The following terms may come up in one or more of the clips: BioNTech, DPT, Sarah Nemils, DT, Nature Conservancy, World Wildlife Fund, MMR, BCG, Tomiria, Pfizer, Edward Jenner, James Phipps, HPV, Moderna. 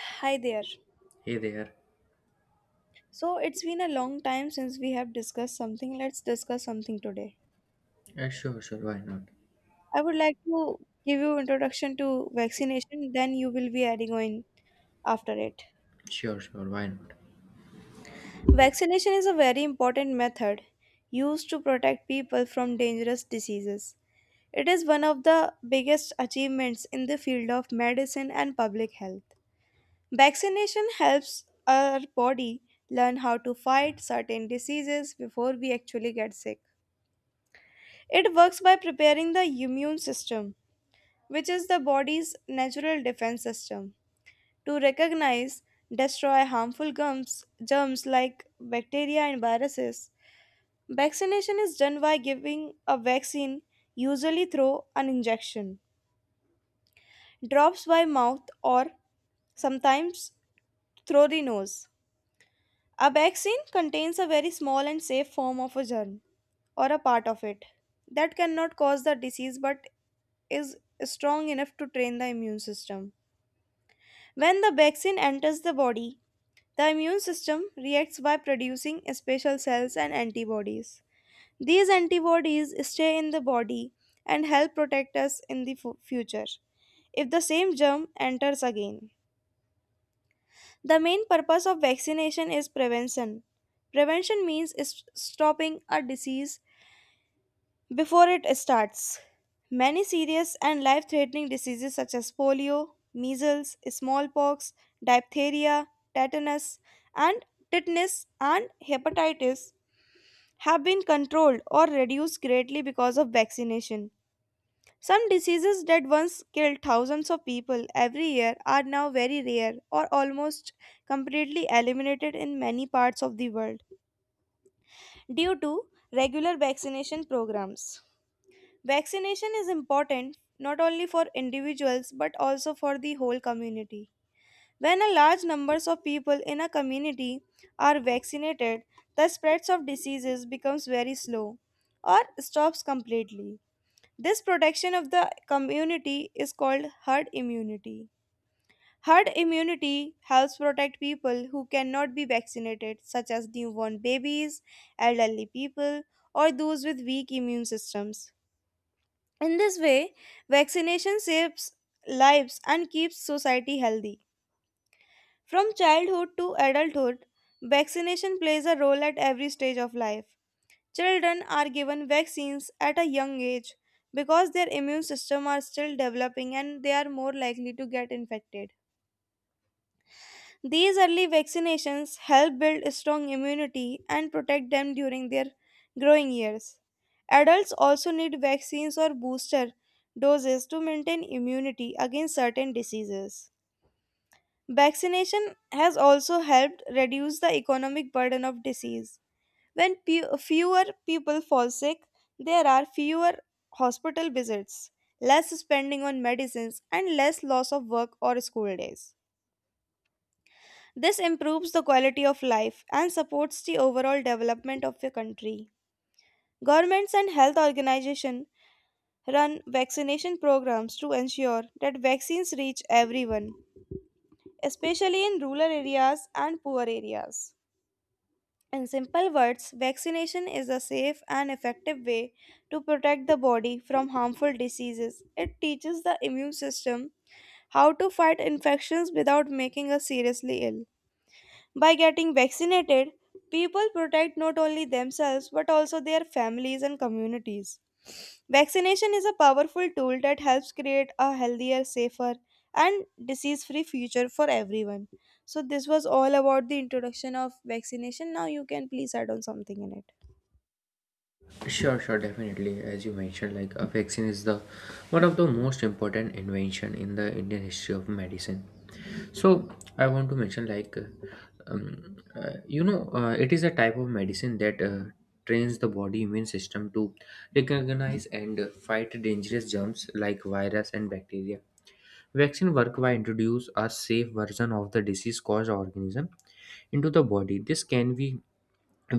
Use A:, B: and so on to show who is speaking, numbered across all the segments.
A: Hi there.
B: Hey there.
A: So it's been a long time since we have discussed something. Let's discuss something today.
B: Sure, why not?
A: I would like to give you introduction to vaccination, then you will be adding on after it.
B: Sure, sure, why not?
A: Vaccination is a very important method used to protect people from dangerous diseases. It is one of the biggest achievements in the field of medicine and public health. Vaccination helps our body learn how to fight certain diseases before we actually get sick. It works by preparing the immune system, which is the body's natural defense system, to recognize, destroy harmful germs, germs like bacteria and viruses. Vaccination is done by giving a vaccine, usually through an injection, drops by mouth, or sometimes through the nose. A vaccine contains a very small and safe form of a germ or a part of it that cannot cause the disease but is strong enough to train the immune system. When the vaccine enters the body, the immune system reacts by producing special cells and antibodies. These antibodies stay in the body and help protect us in the future if the same germ enters again. The main purpose of vaccination is prevention. Prevention means is stopping a disease before it starts. Many serious and life threatening diseases such as polio, measles, smallpox, diphtheria, tetanus, and and hepatitis have been controlled or reduced greatly because of vaccination. Some diseases that once killed thousands of people every year are now very rare or almost completely eliminated in many parts of the world due to regular vaccination programs. Vaccination is important not only for individuals but also for the whole community. When a large numbers of people in a community are vaccinated, the spreads of diseases becomes very slow or stops completely. This protection of the community is called herd immunity. Herd immunity helps protect people who cannot be vaccinated such as newborn babies, elderly people, or those with weak immune systems. In this way, vaccination saves lives and keeps society healthy. From childhood to adulthood, vaccination plays a role at every stage of life. Children are given vaccines at a young age because their immune system are still developing and they are more likely to get infected. These early vaccinations help build a strong immunity and protect them during their growing years. Adults also need vaccines or booster doses to maintain immunity against certain diseases. Vaccination has also helped reduce the economic burden of disease. When fewer people fall sick, there are fewer hospital visits, less spending on medicines, and less loss of work or school days. This improves the quality of life and supports the overall development of your country. Governments and health organizations run vaccination programs to ensure that vaccines reach everyone, especially in rural areas and poor areas. In simple words, vaccination is a safe and effective way to protect the body from harmful diseases. It teaches the immune system how to fight infections without making us seriously ill. By getting vaccinated, people protect not only themselves but also their families and communities. Vaccination is a powerful tool that helps create a healthier, safer, and disease free future for everyone. So, this was all about the introduction of vaccination. Now, you can please add on something in it.
B: Sure, sure, definitely. As you mentioned, like a vaccine is the one of the most important invention in the Indian history of medicine. So I want to mention like, it is a type of medicine that trains the body immune system to recognize and fight dangerous germs like virus and bacteria. Vaccine work by introduce a safe version of the disease caused organism into the body. This can be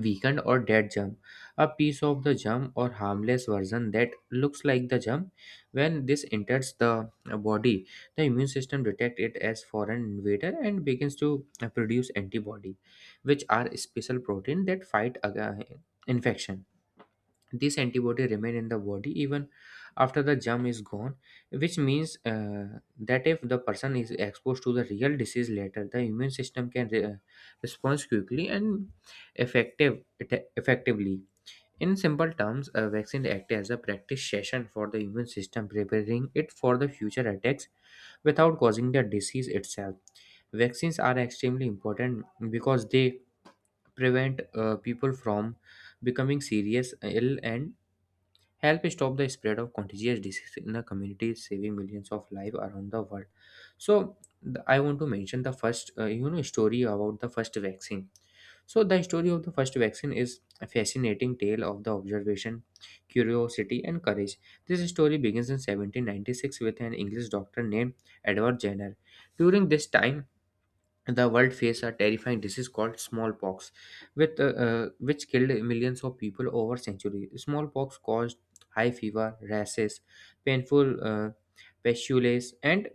B: weakened or dead germ a piece of the germ or harmless version that looks like the germ when this enters the body the immune system detects it as foreign invader and begins to produce antibody which are special protein that fight infection this antibody remain in the body even after the germ is gone which means that if the person is exposed to the real disease later the immune system can respond quickly and effectively in simple terms a vaccine acts as a practice session for the immune system preparing it for the future attacks without causing the disease itself vaccines are extremely important because they prevent people from becoming serious ill and help stop the spread of contagious disease in the community, saving millions of lives around the world. So I want to mention the first, story about the first vaccine. So the story of the first vaccine is a fascinating tale of the observation, curiosity, and courage. This story begins in 1796 with an English doctor named Edward Jenner. During this time, the world faced a terrifying disease called smallpox, which killed millions of people over centuries. Smallpox caused high fever, rashes, painful pustules, and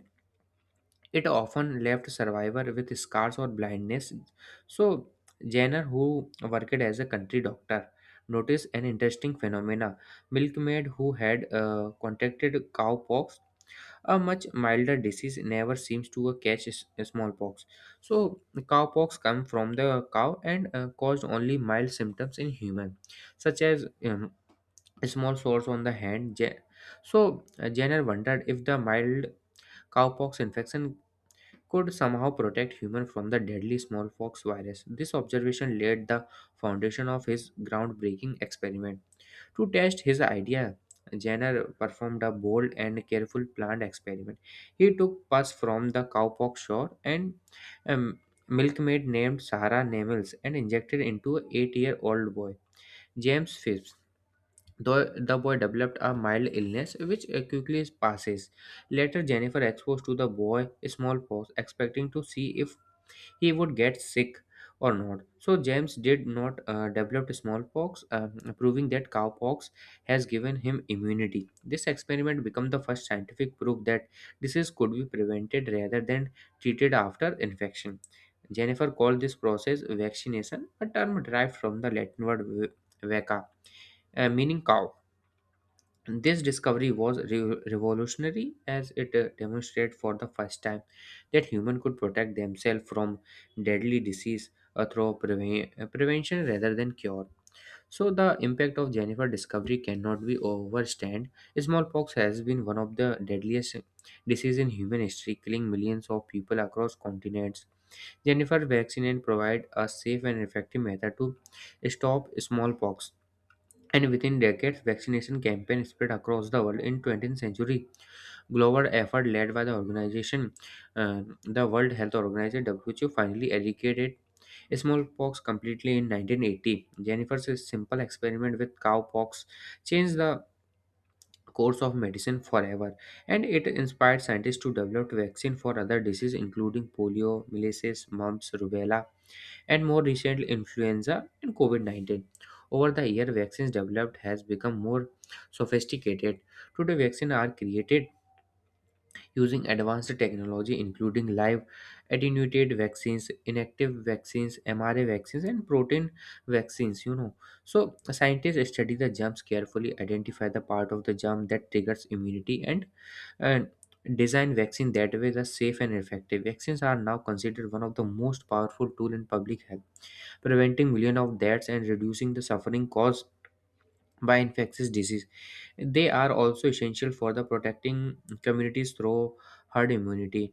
B: it often left survivor with scars or blindness. So Jenner, who worked as a country doctor, noticed an interesting phenomena. Milkmaid who had contracted cowpox a much milder disease never seems to catch smallpox. So, cowpox come from the cow and caused only mild symptoms in human, such as small sores on the hand. So, Jenner wondered if the mild cowpox infection could somehow protect human from the deadly smallpox virus. This observation laid the foundation of his groundbreaking experiment. To test his idea, Jenner performed a bold and careful planned experiment. He took pus from the cowpox sore and um, milkmaid named Sarah Nemils and injected into an 8-year-old boy, James Phipps. Though the boy developed a mild illness which quickly passes. Later, Jennifer exposed to the boy smallpox, expecting to see if he would get sick or not. So James did not develop smallpox, proving that cowpox has given him immunity. This experiment became the first scientific proof that disease could be prevented rather than treated after infection. Jennifer called this process vaccination, a term derived from the Latin word vaca, meaning cow. This discovery was revolutionary as it demonstrated for the first time that humans could protect themselves from deadly disease through prevention rather than cure. So the impact of Jennifer discovery cannot be overstated. Smallpox has been one of the deadliest disease in human history, killing millions of people across continents. Jennifer vaccine and provide a safe and effective method to stop smallpox and within decades vaccination campaign spread across the world in 20th century global effort led by the organization the world health organization who finally eradicated smallpox completely in 1980 jennifer's simple experiment with cowpox changed the course of medicine forever and it inspired scientists to develop vaccine for other diseases including polio measles mumps rubella and more recently influenza and COVID-19. Over the year, vaccines developed has become more sophisticated. Today, vaccines are created using advanced technology including live attenuated vaccines, inactive vaccines, mRNA vaccines, and protein vaccines. So scientists study the germs carefully, identify the part of the germ that triggers immunity and design vaccine that way the safe and effective. Vaccines are now considered one of the most powerful tool in public health preventing millions of deaths and reducing the suffering caused by infectious disease. They are also essential for the protecting communities through herd immunity.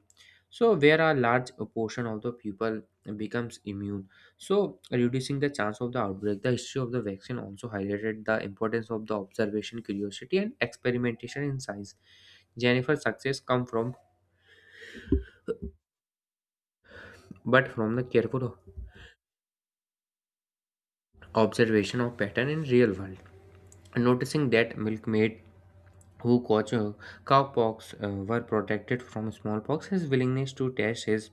B: So where a large portion of the people becomes immune, so reducing the chance of the outbreak. The history of the vaccine also highlighted the importance of the observation, curiosity, and experimentation in science. Jennifer's success come from but from the careful observation of pattern in real world noticing that milkmaid who caught cowpox were protected from smallpox his willingness to test his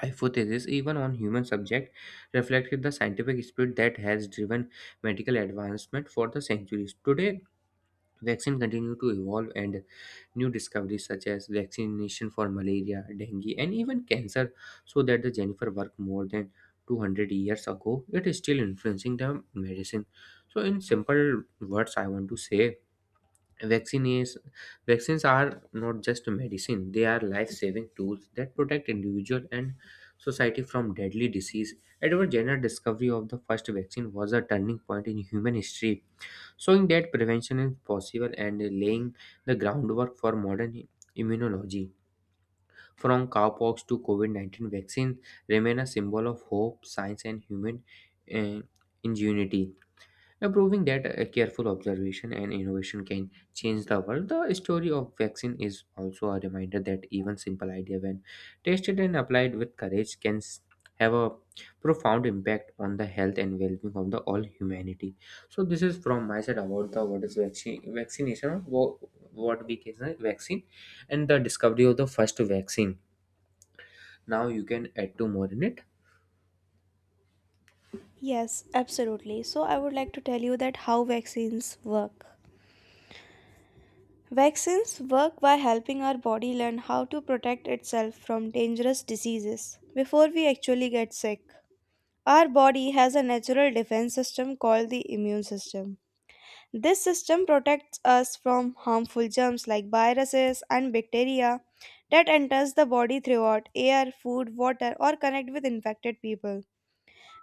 B: hypothesis even on human subject reflected the scientific spirit that has driven medical advancement for the centuries today Vaccine continue to evolve and new discoveries such as vaccination for malaria, dengue and even cancer so that the Jennifer work more than 200 years ago it is still influencing the medicine. So in simple words I want to say vaccine is vaccines are not just medicine they are life-saving tools that protect individual and society from deadly disease. Edward Jenner's discovery of the first vaccine was a turning point in human history showing that prevention is possible and laying the groundwork for modern immunology. From cowpox to COVID 19 vaccine remain a symbol of hope, science, and human uh, ingenuity. Now, proving that a careful observation and innovation can change the world, the story of vaccine is also a reminder that even simple idea, when tested and applied with courage, have a profound impact on the health and well-being of the all humanity. So, this is from my side about the what is vaccine vaccination, or what we can say vaccine, and the discovery of the first vaccine. Now, you can add two more in it.
A: Yes, absolutely. So, I would like to tell you that how vaccines work. Vaccines work by helping our body learn how to protect itself from dangerous diseases before we actually get sick. Our body has a natural defense system called the immune system. This system protects us from harmful germs like viruses and bacteria that enters the body throughout air, food, water or connect with infected people.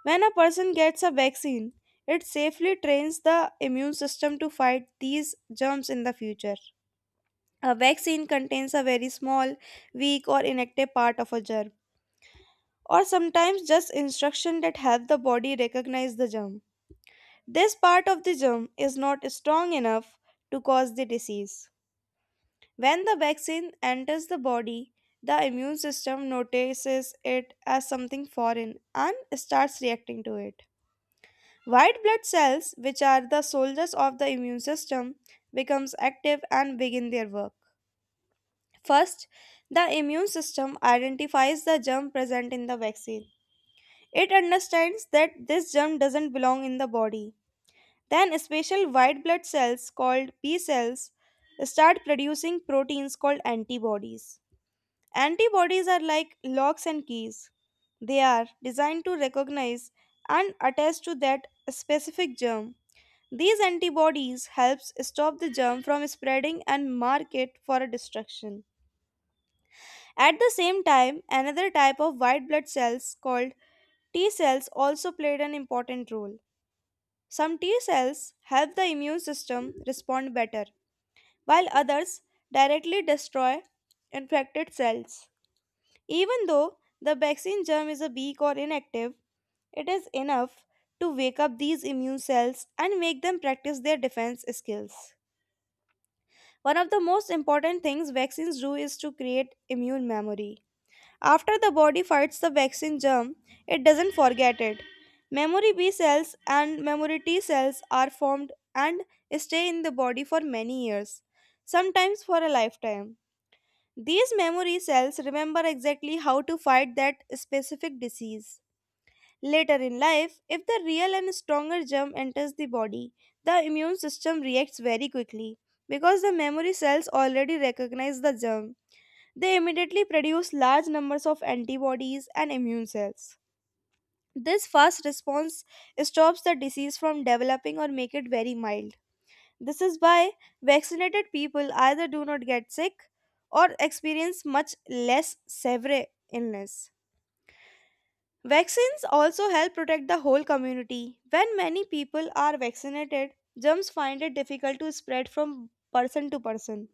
A: When a person gets a vaccine, it safely trains the immune system to fight these germs in the future. A vaccine contains a very small, weak, or inactive part of a germ, or sometimes just instructions that help the body recognize the germ. This part of the germ is not strong enough to cause the disease. When the vaccine enters the body, the immune system notices it as something foreign and starts reacting to it. White blood cells, which are the soldiers of the immune system, becomes active and begin their work. First, the immune system identifies the germ present in the vaccine. It understands that this germ doesn't belong in the body. Then, special white blood cells called B cells start producing proteins called antibodies. Antibodies are like locks and keys. They are designed to recognize and attach to that specific germ. These antibodies helps stop the germ from spreading and mark it for destruction. At the same time, another type of white blood cells called T cells also played an important role. Some T cells help the immune system respond better, while others directly destroy infected cells. Even though the vaccine germ is a weak or inactive, it is enough to wake up these immune cells and make them practice their defense skills. One of the most important things vaccines do is to create immune memory. After the body fights the vaccine germ, it doesn't forget it. Memory B cells and memory T cells are formed and stay in the body for many years, sometimes for a lifetime. These memory cells remember exactly how to fight that specific disease. Later in life, if the real and stronger germ enters the body, the immune system reacts very quickly because the memory cells already recognize the germ. They immediately produce large numbers of antibodies and immune cells. This fast response stops the disease from developing or make it very mild. This is why vaccinated people either do not get sick or experience much less severe illness. Vaccines also help protect the whole community. When many people are vaccinated, germs find it difficult to spread from person to person.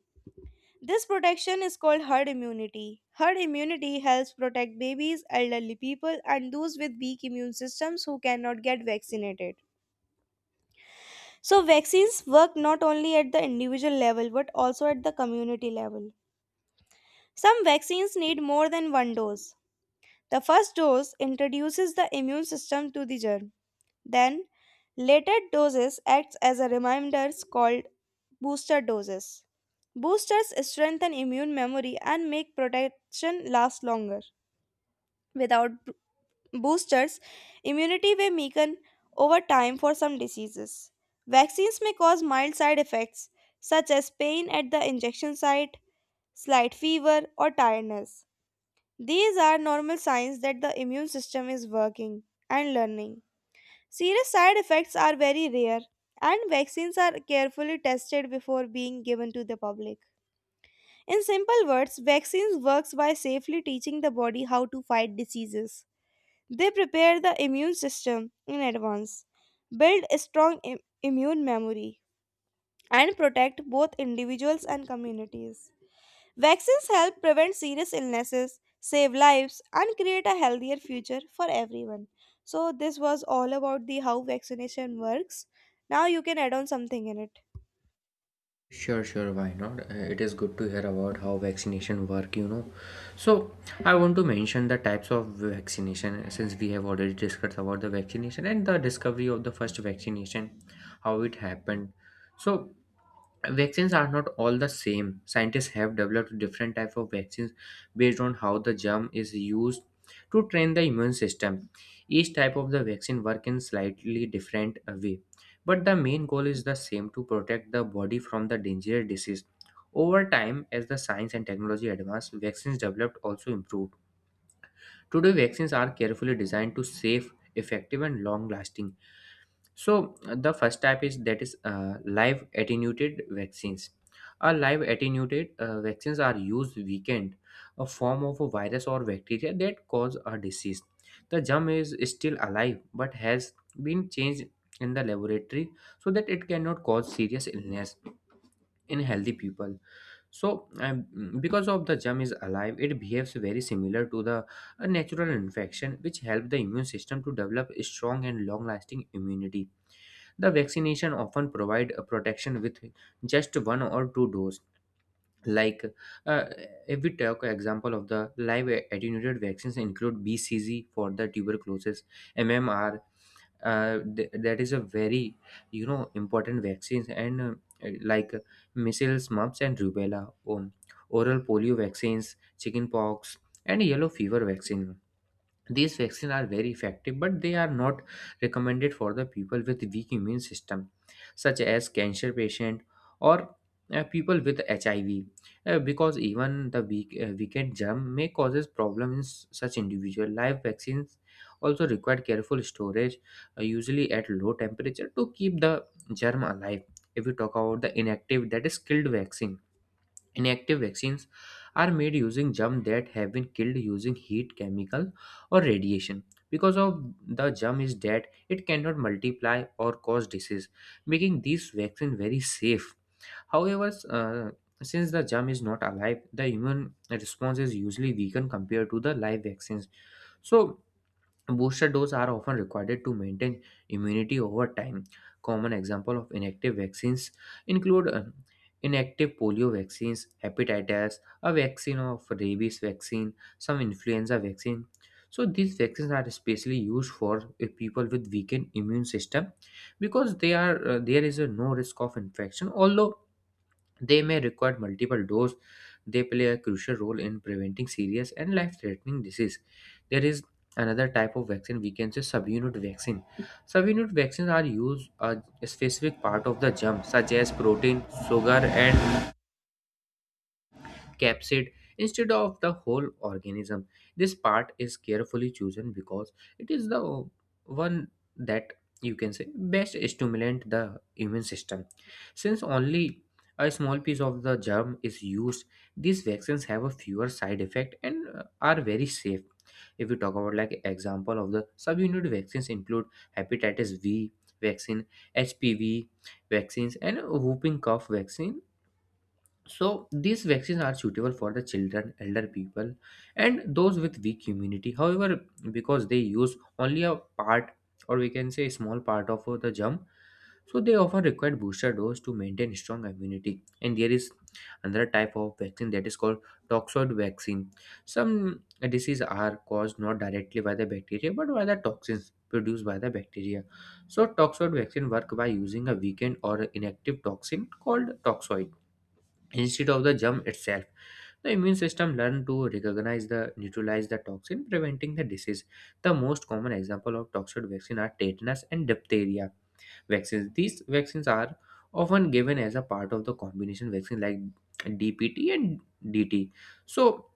A: This protection is called herd immunity. Herd immunity helps protect babies, elderly people, and those with weak immune systems who cannot get vaccinated. So, vaccines work not only at the individual level but also at the community level. Some vaccines need more than one dose. The first dose introduces the immune system to the germ. Then, later doses acts as a reminders called booster doses. Boosters strengthen immune memory and make protection last longer. Without boosters, immunity may weaken over time for some diseases. Vaccines may cause mild side effects such as pain at the injection site, slight fever, or tiredness. These are normal signs that the immune system is working and learning. Serious side effects are very rare, and vaccines are carefully tested before being given to the public. In simple words, vaccines works by safely teaching the body how to fight diseases. They prepare the immune system in advance, build a strong immune memory, and protect both individuals and communities. Vaccines help prevent serious illnesses, save lives, and create a healthier future for everyone. So this was all about the how vaccination works. Now you can add on something in it.
B: Sure, sure, why not? It is good to hear about how vaccination work, you know. So, I want to mention the types of vaccination since we have already discussed about the vaccination and the discovery of the first vaccination, how it happened. So, vaccines are not all the same scientists have developed different type of vaccines based on how the germ is used to train the immune system each type of the vaccine work in slightly different way but the main goal is the same to protect the body from the dangerous disease over time as the science and technology advanced vaccines developed also improved today vaccines are carefully designed to safe effective and long lasting so the first type is that is live attenuated vaccines. A live attenuated vaccines are used weakened, a form of a virus or bacteria that cause a disease. The germ is still alive but has been changed in the laboratory so that it cannot cause serious illness in healthy people. So because of the germ is alive, it behaves very similar to the a natural infection, which help the immune system to develop a strong and long-lasting immunity the vaccination often provide a protection with just one or two dose. Like uh, if we take example of the live attenuated vaccines include BCG for the tuberculosis, MMR. That is a very important vaccines and like measles, mumps, and rubella, oral polio vaccines, chickenpox, and yellow fever vaccine these vaccines are very effective, but they are not recommended for the people with weak immune system, such as cancer patient or people with HIV, because even the weakened germ may causes problems in such individual. Live vaccines also require careful storage, usually at low temperature, to keep the germ alive. If we talk about the inactive, that is killed vaccine Inactive vaccines are made using germs that have been killed using heat, chemical, or radiation. Because of the germ is dead, it cannot multiply or cause disease, making these vaccine very safe. However, since the germ is not alive, the immune response is usually weakened compared to the live vaccines. So Booster doses are often required to maintain immunity over time. Common example of inactive vaccines include inactive polio vaccines, hepatitis, a vaccine of rabies vaccine, some influenza vaccine. So these vaccines are especially used for people with weakened immune system because they are there is a no risk of infection. Although they may require multiple doses. They play a crucial role in preventing serious and life-threatening disease. There is another type of vaccine we can say subunit vaccine. Subunit vaccines are used a specific part of the germ, such as protein, sugar, and capsid instead of the whole organism. This part is carefully chosen because it is the one that you can say best stimulate the immune system. Since only a small piece of the germ is used, these vaccines have a fewer side effect and are very safe. If we talk about like example of the subunit vaccines include hepatitis V vaccine, HPV vaccines, and whooping cough vaccine. So these vaccines are suitable for the children, elder people, and those with weak immunity. However, because they use only a part, or we can say a small part of the germ, so they often require booster dose to maintain strong immunity. And there is another type of vaccine that is called toxoid vaccine. Some diseases are caused not directly by the bacteria but by the toxins produced by the bacteria. So toxoid vaccine work by using a weakened or inactive toxin called toxoid instead of the germ itself. The immune system learns to recognize the neutralize the toxin, preventing the disease. The most common example of toxic vaccine are tetanus and diphtheria vaccines. These vaccines are often given as a part of the combination vaccine like DPT and DT. So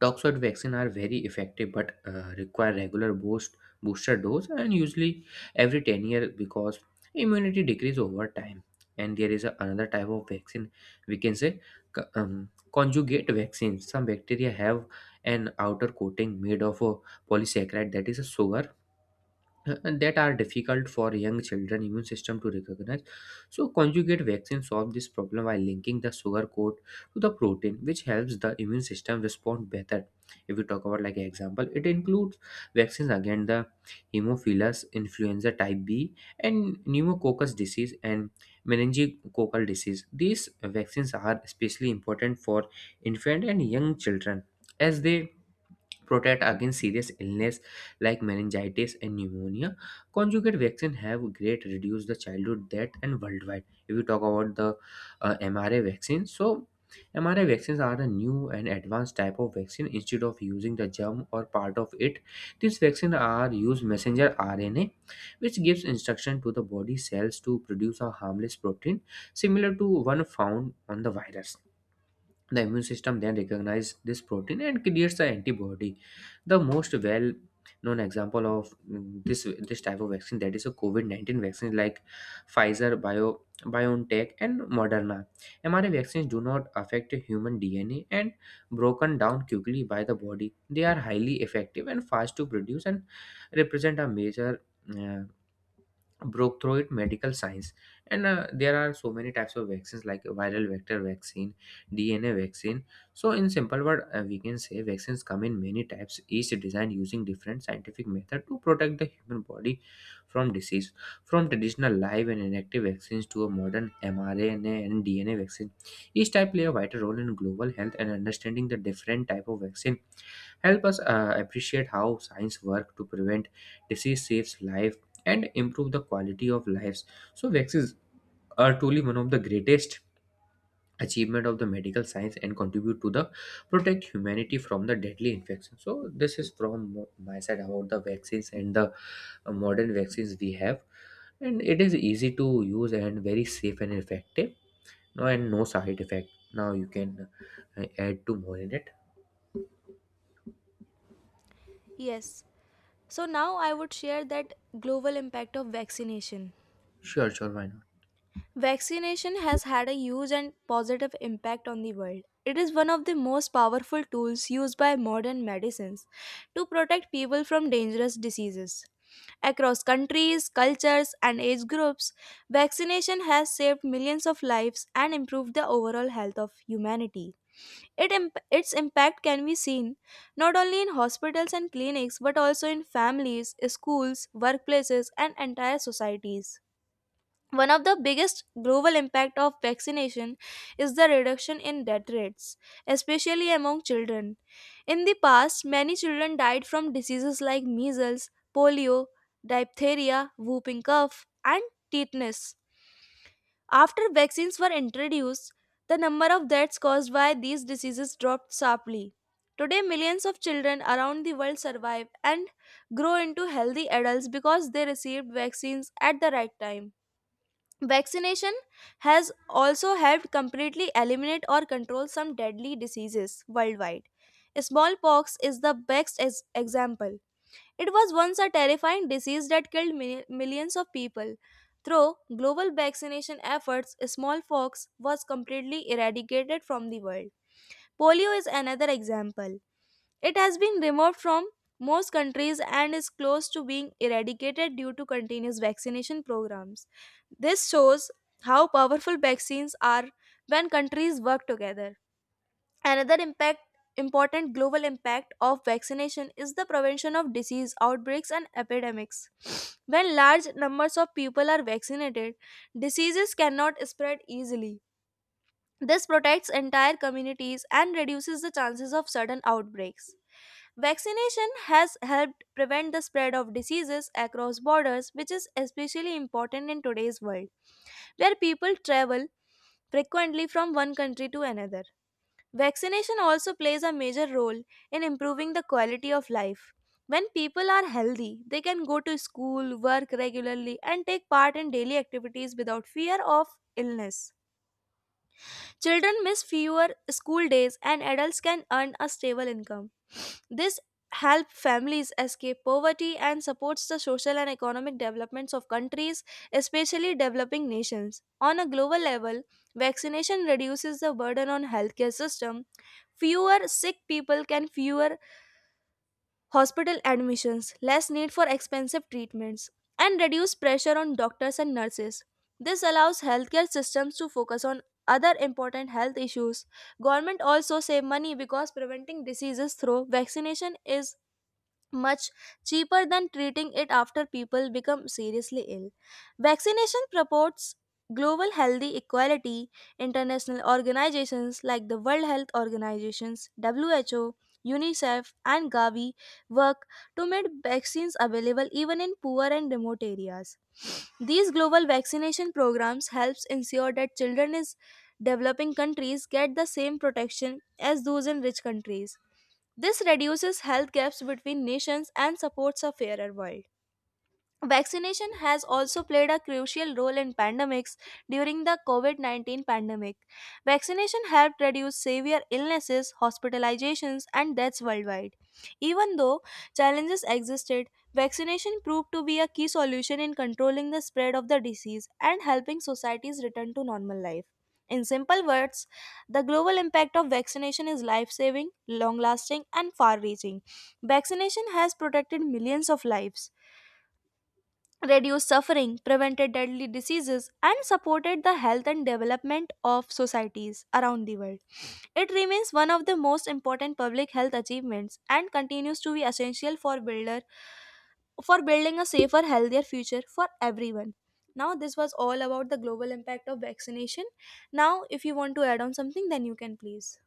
B: toxoid vaccine are very effective but require regular booster dose and usually every 10-year because immunity decrease over time. And there is another type of vaccine we can say conjugate vaccines. Some bacteria have an outer coating made of a polysaccharide, that is a sugar, that are difficult for young children immune system to recognize. So conjugate vaccine solve this problem by linking the sugar coat to the protein, which helps the immune system respond better. If we talk about like example, it includes vaccines against the hemophilus influenza type b and pneumococcus disease and meningococcal disease. These vaccines are especially important for infant and young children as they protect against serious illness like meningitis and pneumonia. Conjugate vaccine have great reduce the childhood death and worldwide. If you talk about the mRNA vaccine, so mRNA vaccines are a new and advanced type of vaccine. Instead of using the germ or part of it, these vaccines are use messenger RNA, which gives instruction to the body cells to produce a harmless protein similar to one found on the virus. The immune system then recognizes this protein and creates the antibody. The most well known example of this type of vaccine, that is a COVID-19 vaccine like Pfizer, Bio, BioNTech and Moderna. mRNA vaccines do not affect human DNA and broken down quickly by the body. They are highly effective and fast to produce and represent a major uh, broke through it medical science. And there are so many types of vaccines like viral vector vaccine, dna vaccine. So in simple word, we can say vaccines come in many types, each designed using different scientific method to protect the human body from disease, from traditional live and inactive vaccines to a modern mrna and dna vaccine. Each type play a vital role in global health, and understanding the different type of vaccine help us appreciate how science work to prevent disease, saves life, and improve the quality of lives. So vaccines are truly one of the greatest achievement of the medical science and contribute to the protect humanity from the deadly infection. So this is from my side about the vaccines and the modern vaccines we have, and it is easy to use and very safe and effective, no and no side effect. Now you can add to more in it.
A: Yes. So now I would share that global impact of vaccination.
B: Sure, sure, why not?
A: Vaccination has had a huge and positive impact on the world. It is one of the most powerful tools used by modern medicines to protect people from dangerous diseases. Across countries, cultures, and age groups, vaccination has saved millions of lives and improved the overall health of humanity. Its impact can be seen not only in hospitals and clinics but also in families, schools, workplaces, and entire societies. One of the biggest global impact of vaccination is the reduction in death rates, especially among children. In the past, many children died from diseases like measles, polio, diphtheria, whooping cough, and tetanus. After vaccines were introduced, the number of deaths caused by these diseases dropped sharply. Today, millions of children around the world survive and grow into healthy adults because they received vaccines at the right time. Vaccination has also helped completely eliminate or control some deadly diseases worldwide. Smallpox is the best example. It was once a terrifying disease that killed millions of people. Through global vaccination efforts, smallpox was completely eradicated from the world. Polio is another example. It has been removed from most countries and is close to being eradicated due to continuous vaccination programs. This shows how powerful vaccines are when countries work together. Another impact important global impact of vaccination is the prevention of disease outbreaks and epidemics. When large numbers of people are vaccinated, diseases cannot spread easily. This protects entire communities and reduces the chances of sudden outbreaks. Vaccination has helped prevent the spread of diseases across borders, which is especially important in today's world, where people travel frequently from one country to another. Vaccination also plays a major role in improving the quality of life. When people are healthy, they can go to school, work regularly, and take part in daily activities without fear of illness. Children miss fewer school days and adults can earn a stable income. This helps families escape poverty and supports the social and economic developments of countries, especially developing nations. On a global level, vaccination reduces the burden on healthcare system. Fewer sick people can fewer hospital admissions, less need for expensive treatments, and reduced pressure on doctors and nurses. This allows healthcare systems to focus on other important health issues. Government also save money because preventing diseases through vaccination is much cheaper than treating it after people become seriously ill. Vaccination purports global healthy equality. International organizations like the World Health Organizations, WHO, UNICEF, and Gavi work to make vaccines available even in poor and remote areas. These global vaccination programs helps ensure that children in developing countries get the same protection as those in rich countries. This reduces health gaps between nations and supports a fairer world. Vaccination has also played a crucial role in pandemics during the COVID 19 pandemic. Vaccination helped reduce severe illnesses, hospitalizations, and deaths worldwide. Even though challenges existed, vaccination proved to be a key solution in controlling the spread of the disease and helping societies return to normal life. In simple words, the global impact of vaccination is life saving, long lasting, and far reaching. Vaccination has protected millions of lives reduced suffering, prevented deadly diseases, and supported the health and development of societies around the world. It remains one of the most important public health achievements and continues to be essential for building a safer, healthier future for everyone. Now this was all about the global impact of vaccination. Now if you want to add on something then you can please.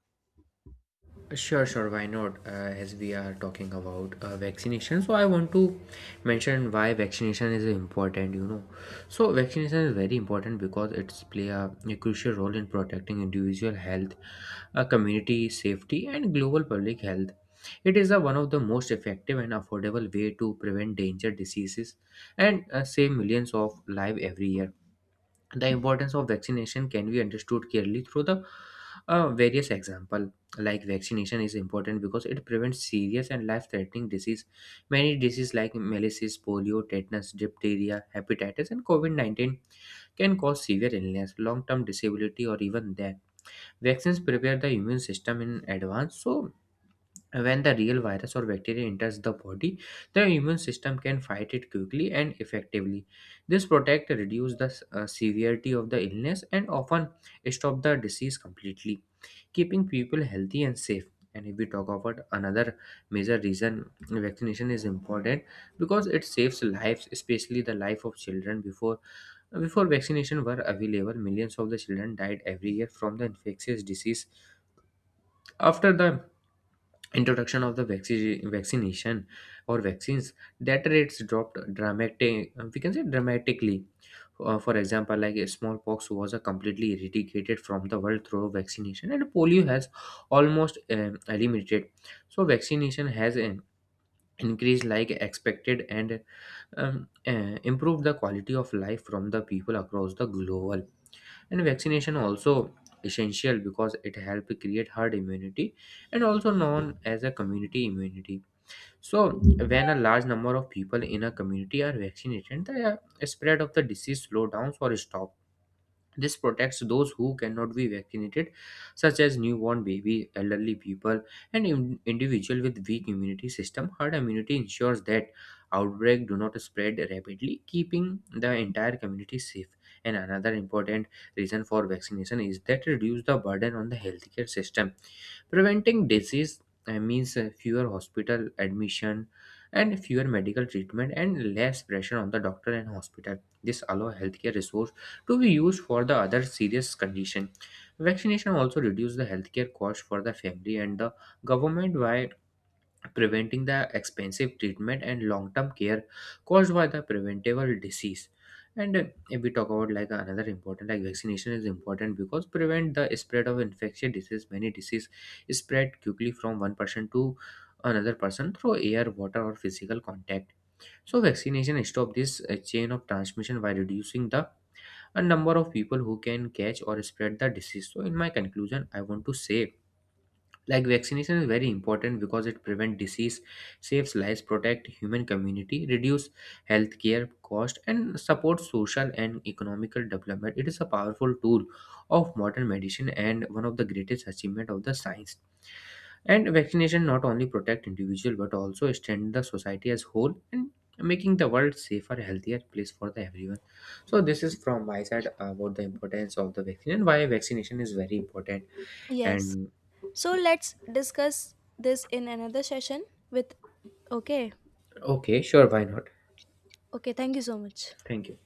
B: Sure, sure. Why not? As we are talking about vaccination, so I want to mention why vaccination is important. You know, so vaccination is very important because it's play a crucial role in protecting individual health, community safety, and global public health. It is one of the most effective and affordable way to prevent danger diseases and save millions of lives every year. The importance of vaccination can be understood clearly through the various example, like vaccination is important because it prevents serious and life-threatening disease. Many diseases like malaria, polio, tetanus, diphtheria, hepatitis and covid-19 can cause severe illness, long-term disability or even death. Vaccines prepare the immune system in advance, so when the real virus or bacteria enters the body, the immune system can fight it quickly and effectively. This protect reduce the severity of the illness and often stop the disease completely, keeping people healthy and safe. And if we talk about another major reason vaccination is important, because it saves lives, especially the life of children. Before vaccination were available, millions of the children died every year from the infectious disease. After the introduction of the vaccine vaccination or vaccines, that rates dropped dramatic we can say dramatically. For example, like smallpox was completely eradicated from the world through vaccination, and polio has almost eliminated. So vaccination has increased like expected and improved the quality of life from the people across the global. And vaccination also essential because it help create herd immunity, and also known as a community immunity. So when a large number of people in a community are vaccinated, the spread of the disease slow down or stop. This protects those who cannot be vaccinated, such as newborn babies, elderly people, and individuals with weak immunity system. Herd immunity ensures that outbreak do not spread rapidly, keeping the entire community safe. And another important reason for vaccination is that reduce the burden on the healthcare system. Preventing disease means fewer hospital admission and fewer medical treatment and less pressure on the doctor and hospital. This allow healthcare resource to be used for the other serious condition. Vaccination also reduce the healthcare cost for the family and the government by preventing the expensive treatment and long-term care caused by the preventable disease. And if we talk about like another important, like vaccination is important because prevent the spread of infectious disease. Many disease spread quickly from one person to another person through air, water, or physical contact. So vaccination stop this chain of transmission by reducing the a number of people who can catch or spread the disease. So in my conclusion, I want to say like vaccination is very important because it prevents disease, saves lives, protect human community, reduce healthcare cost, and support social and economical development. It is a powerful tool of modern medicine and one of the greatest achievement of the science. And vaccination not only protect individual but also extend the society as whole, and making the world safer healthier place for the everyone. So this is from my side about the importance of the vaccine and why vaccination is very important.
A: Yes.
B: And
A: So let's discuss this in another session with okay.
B: okay, sure, why not?
A: Okay, thank you so much.
B: Thank you.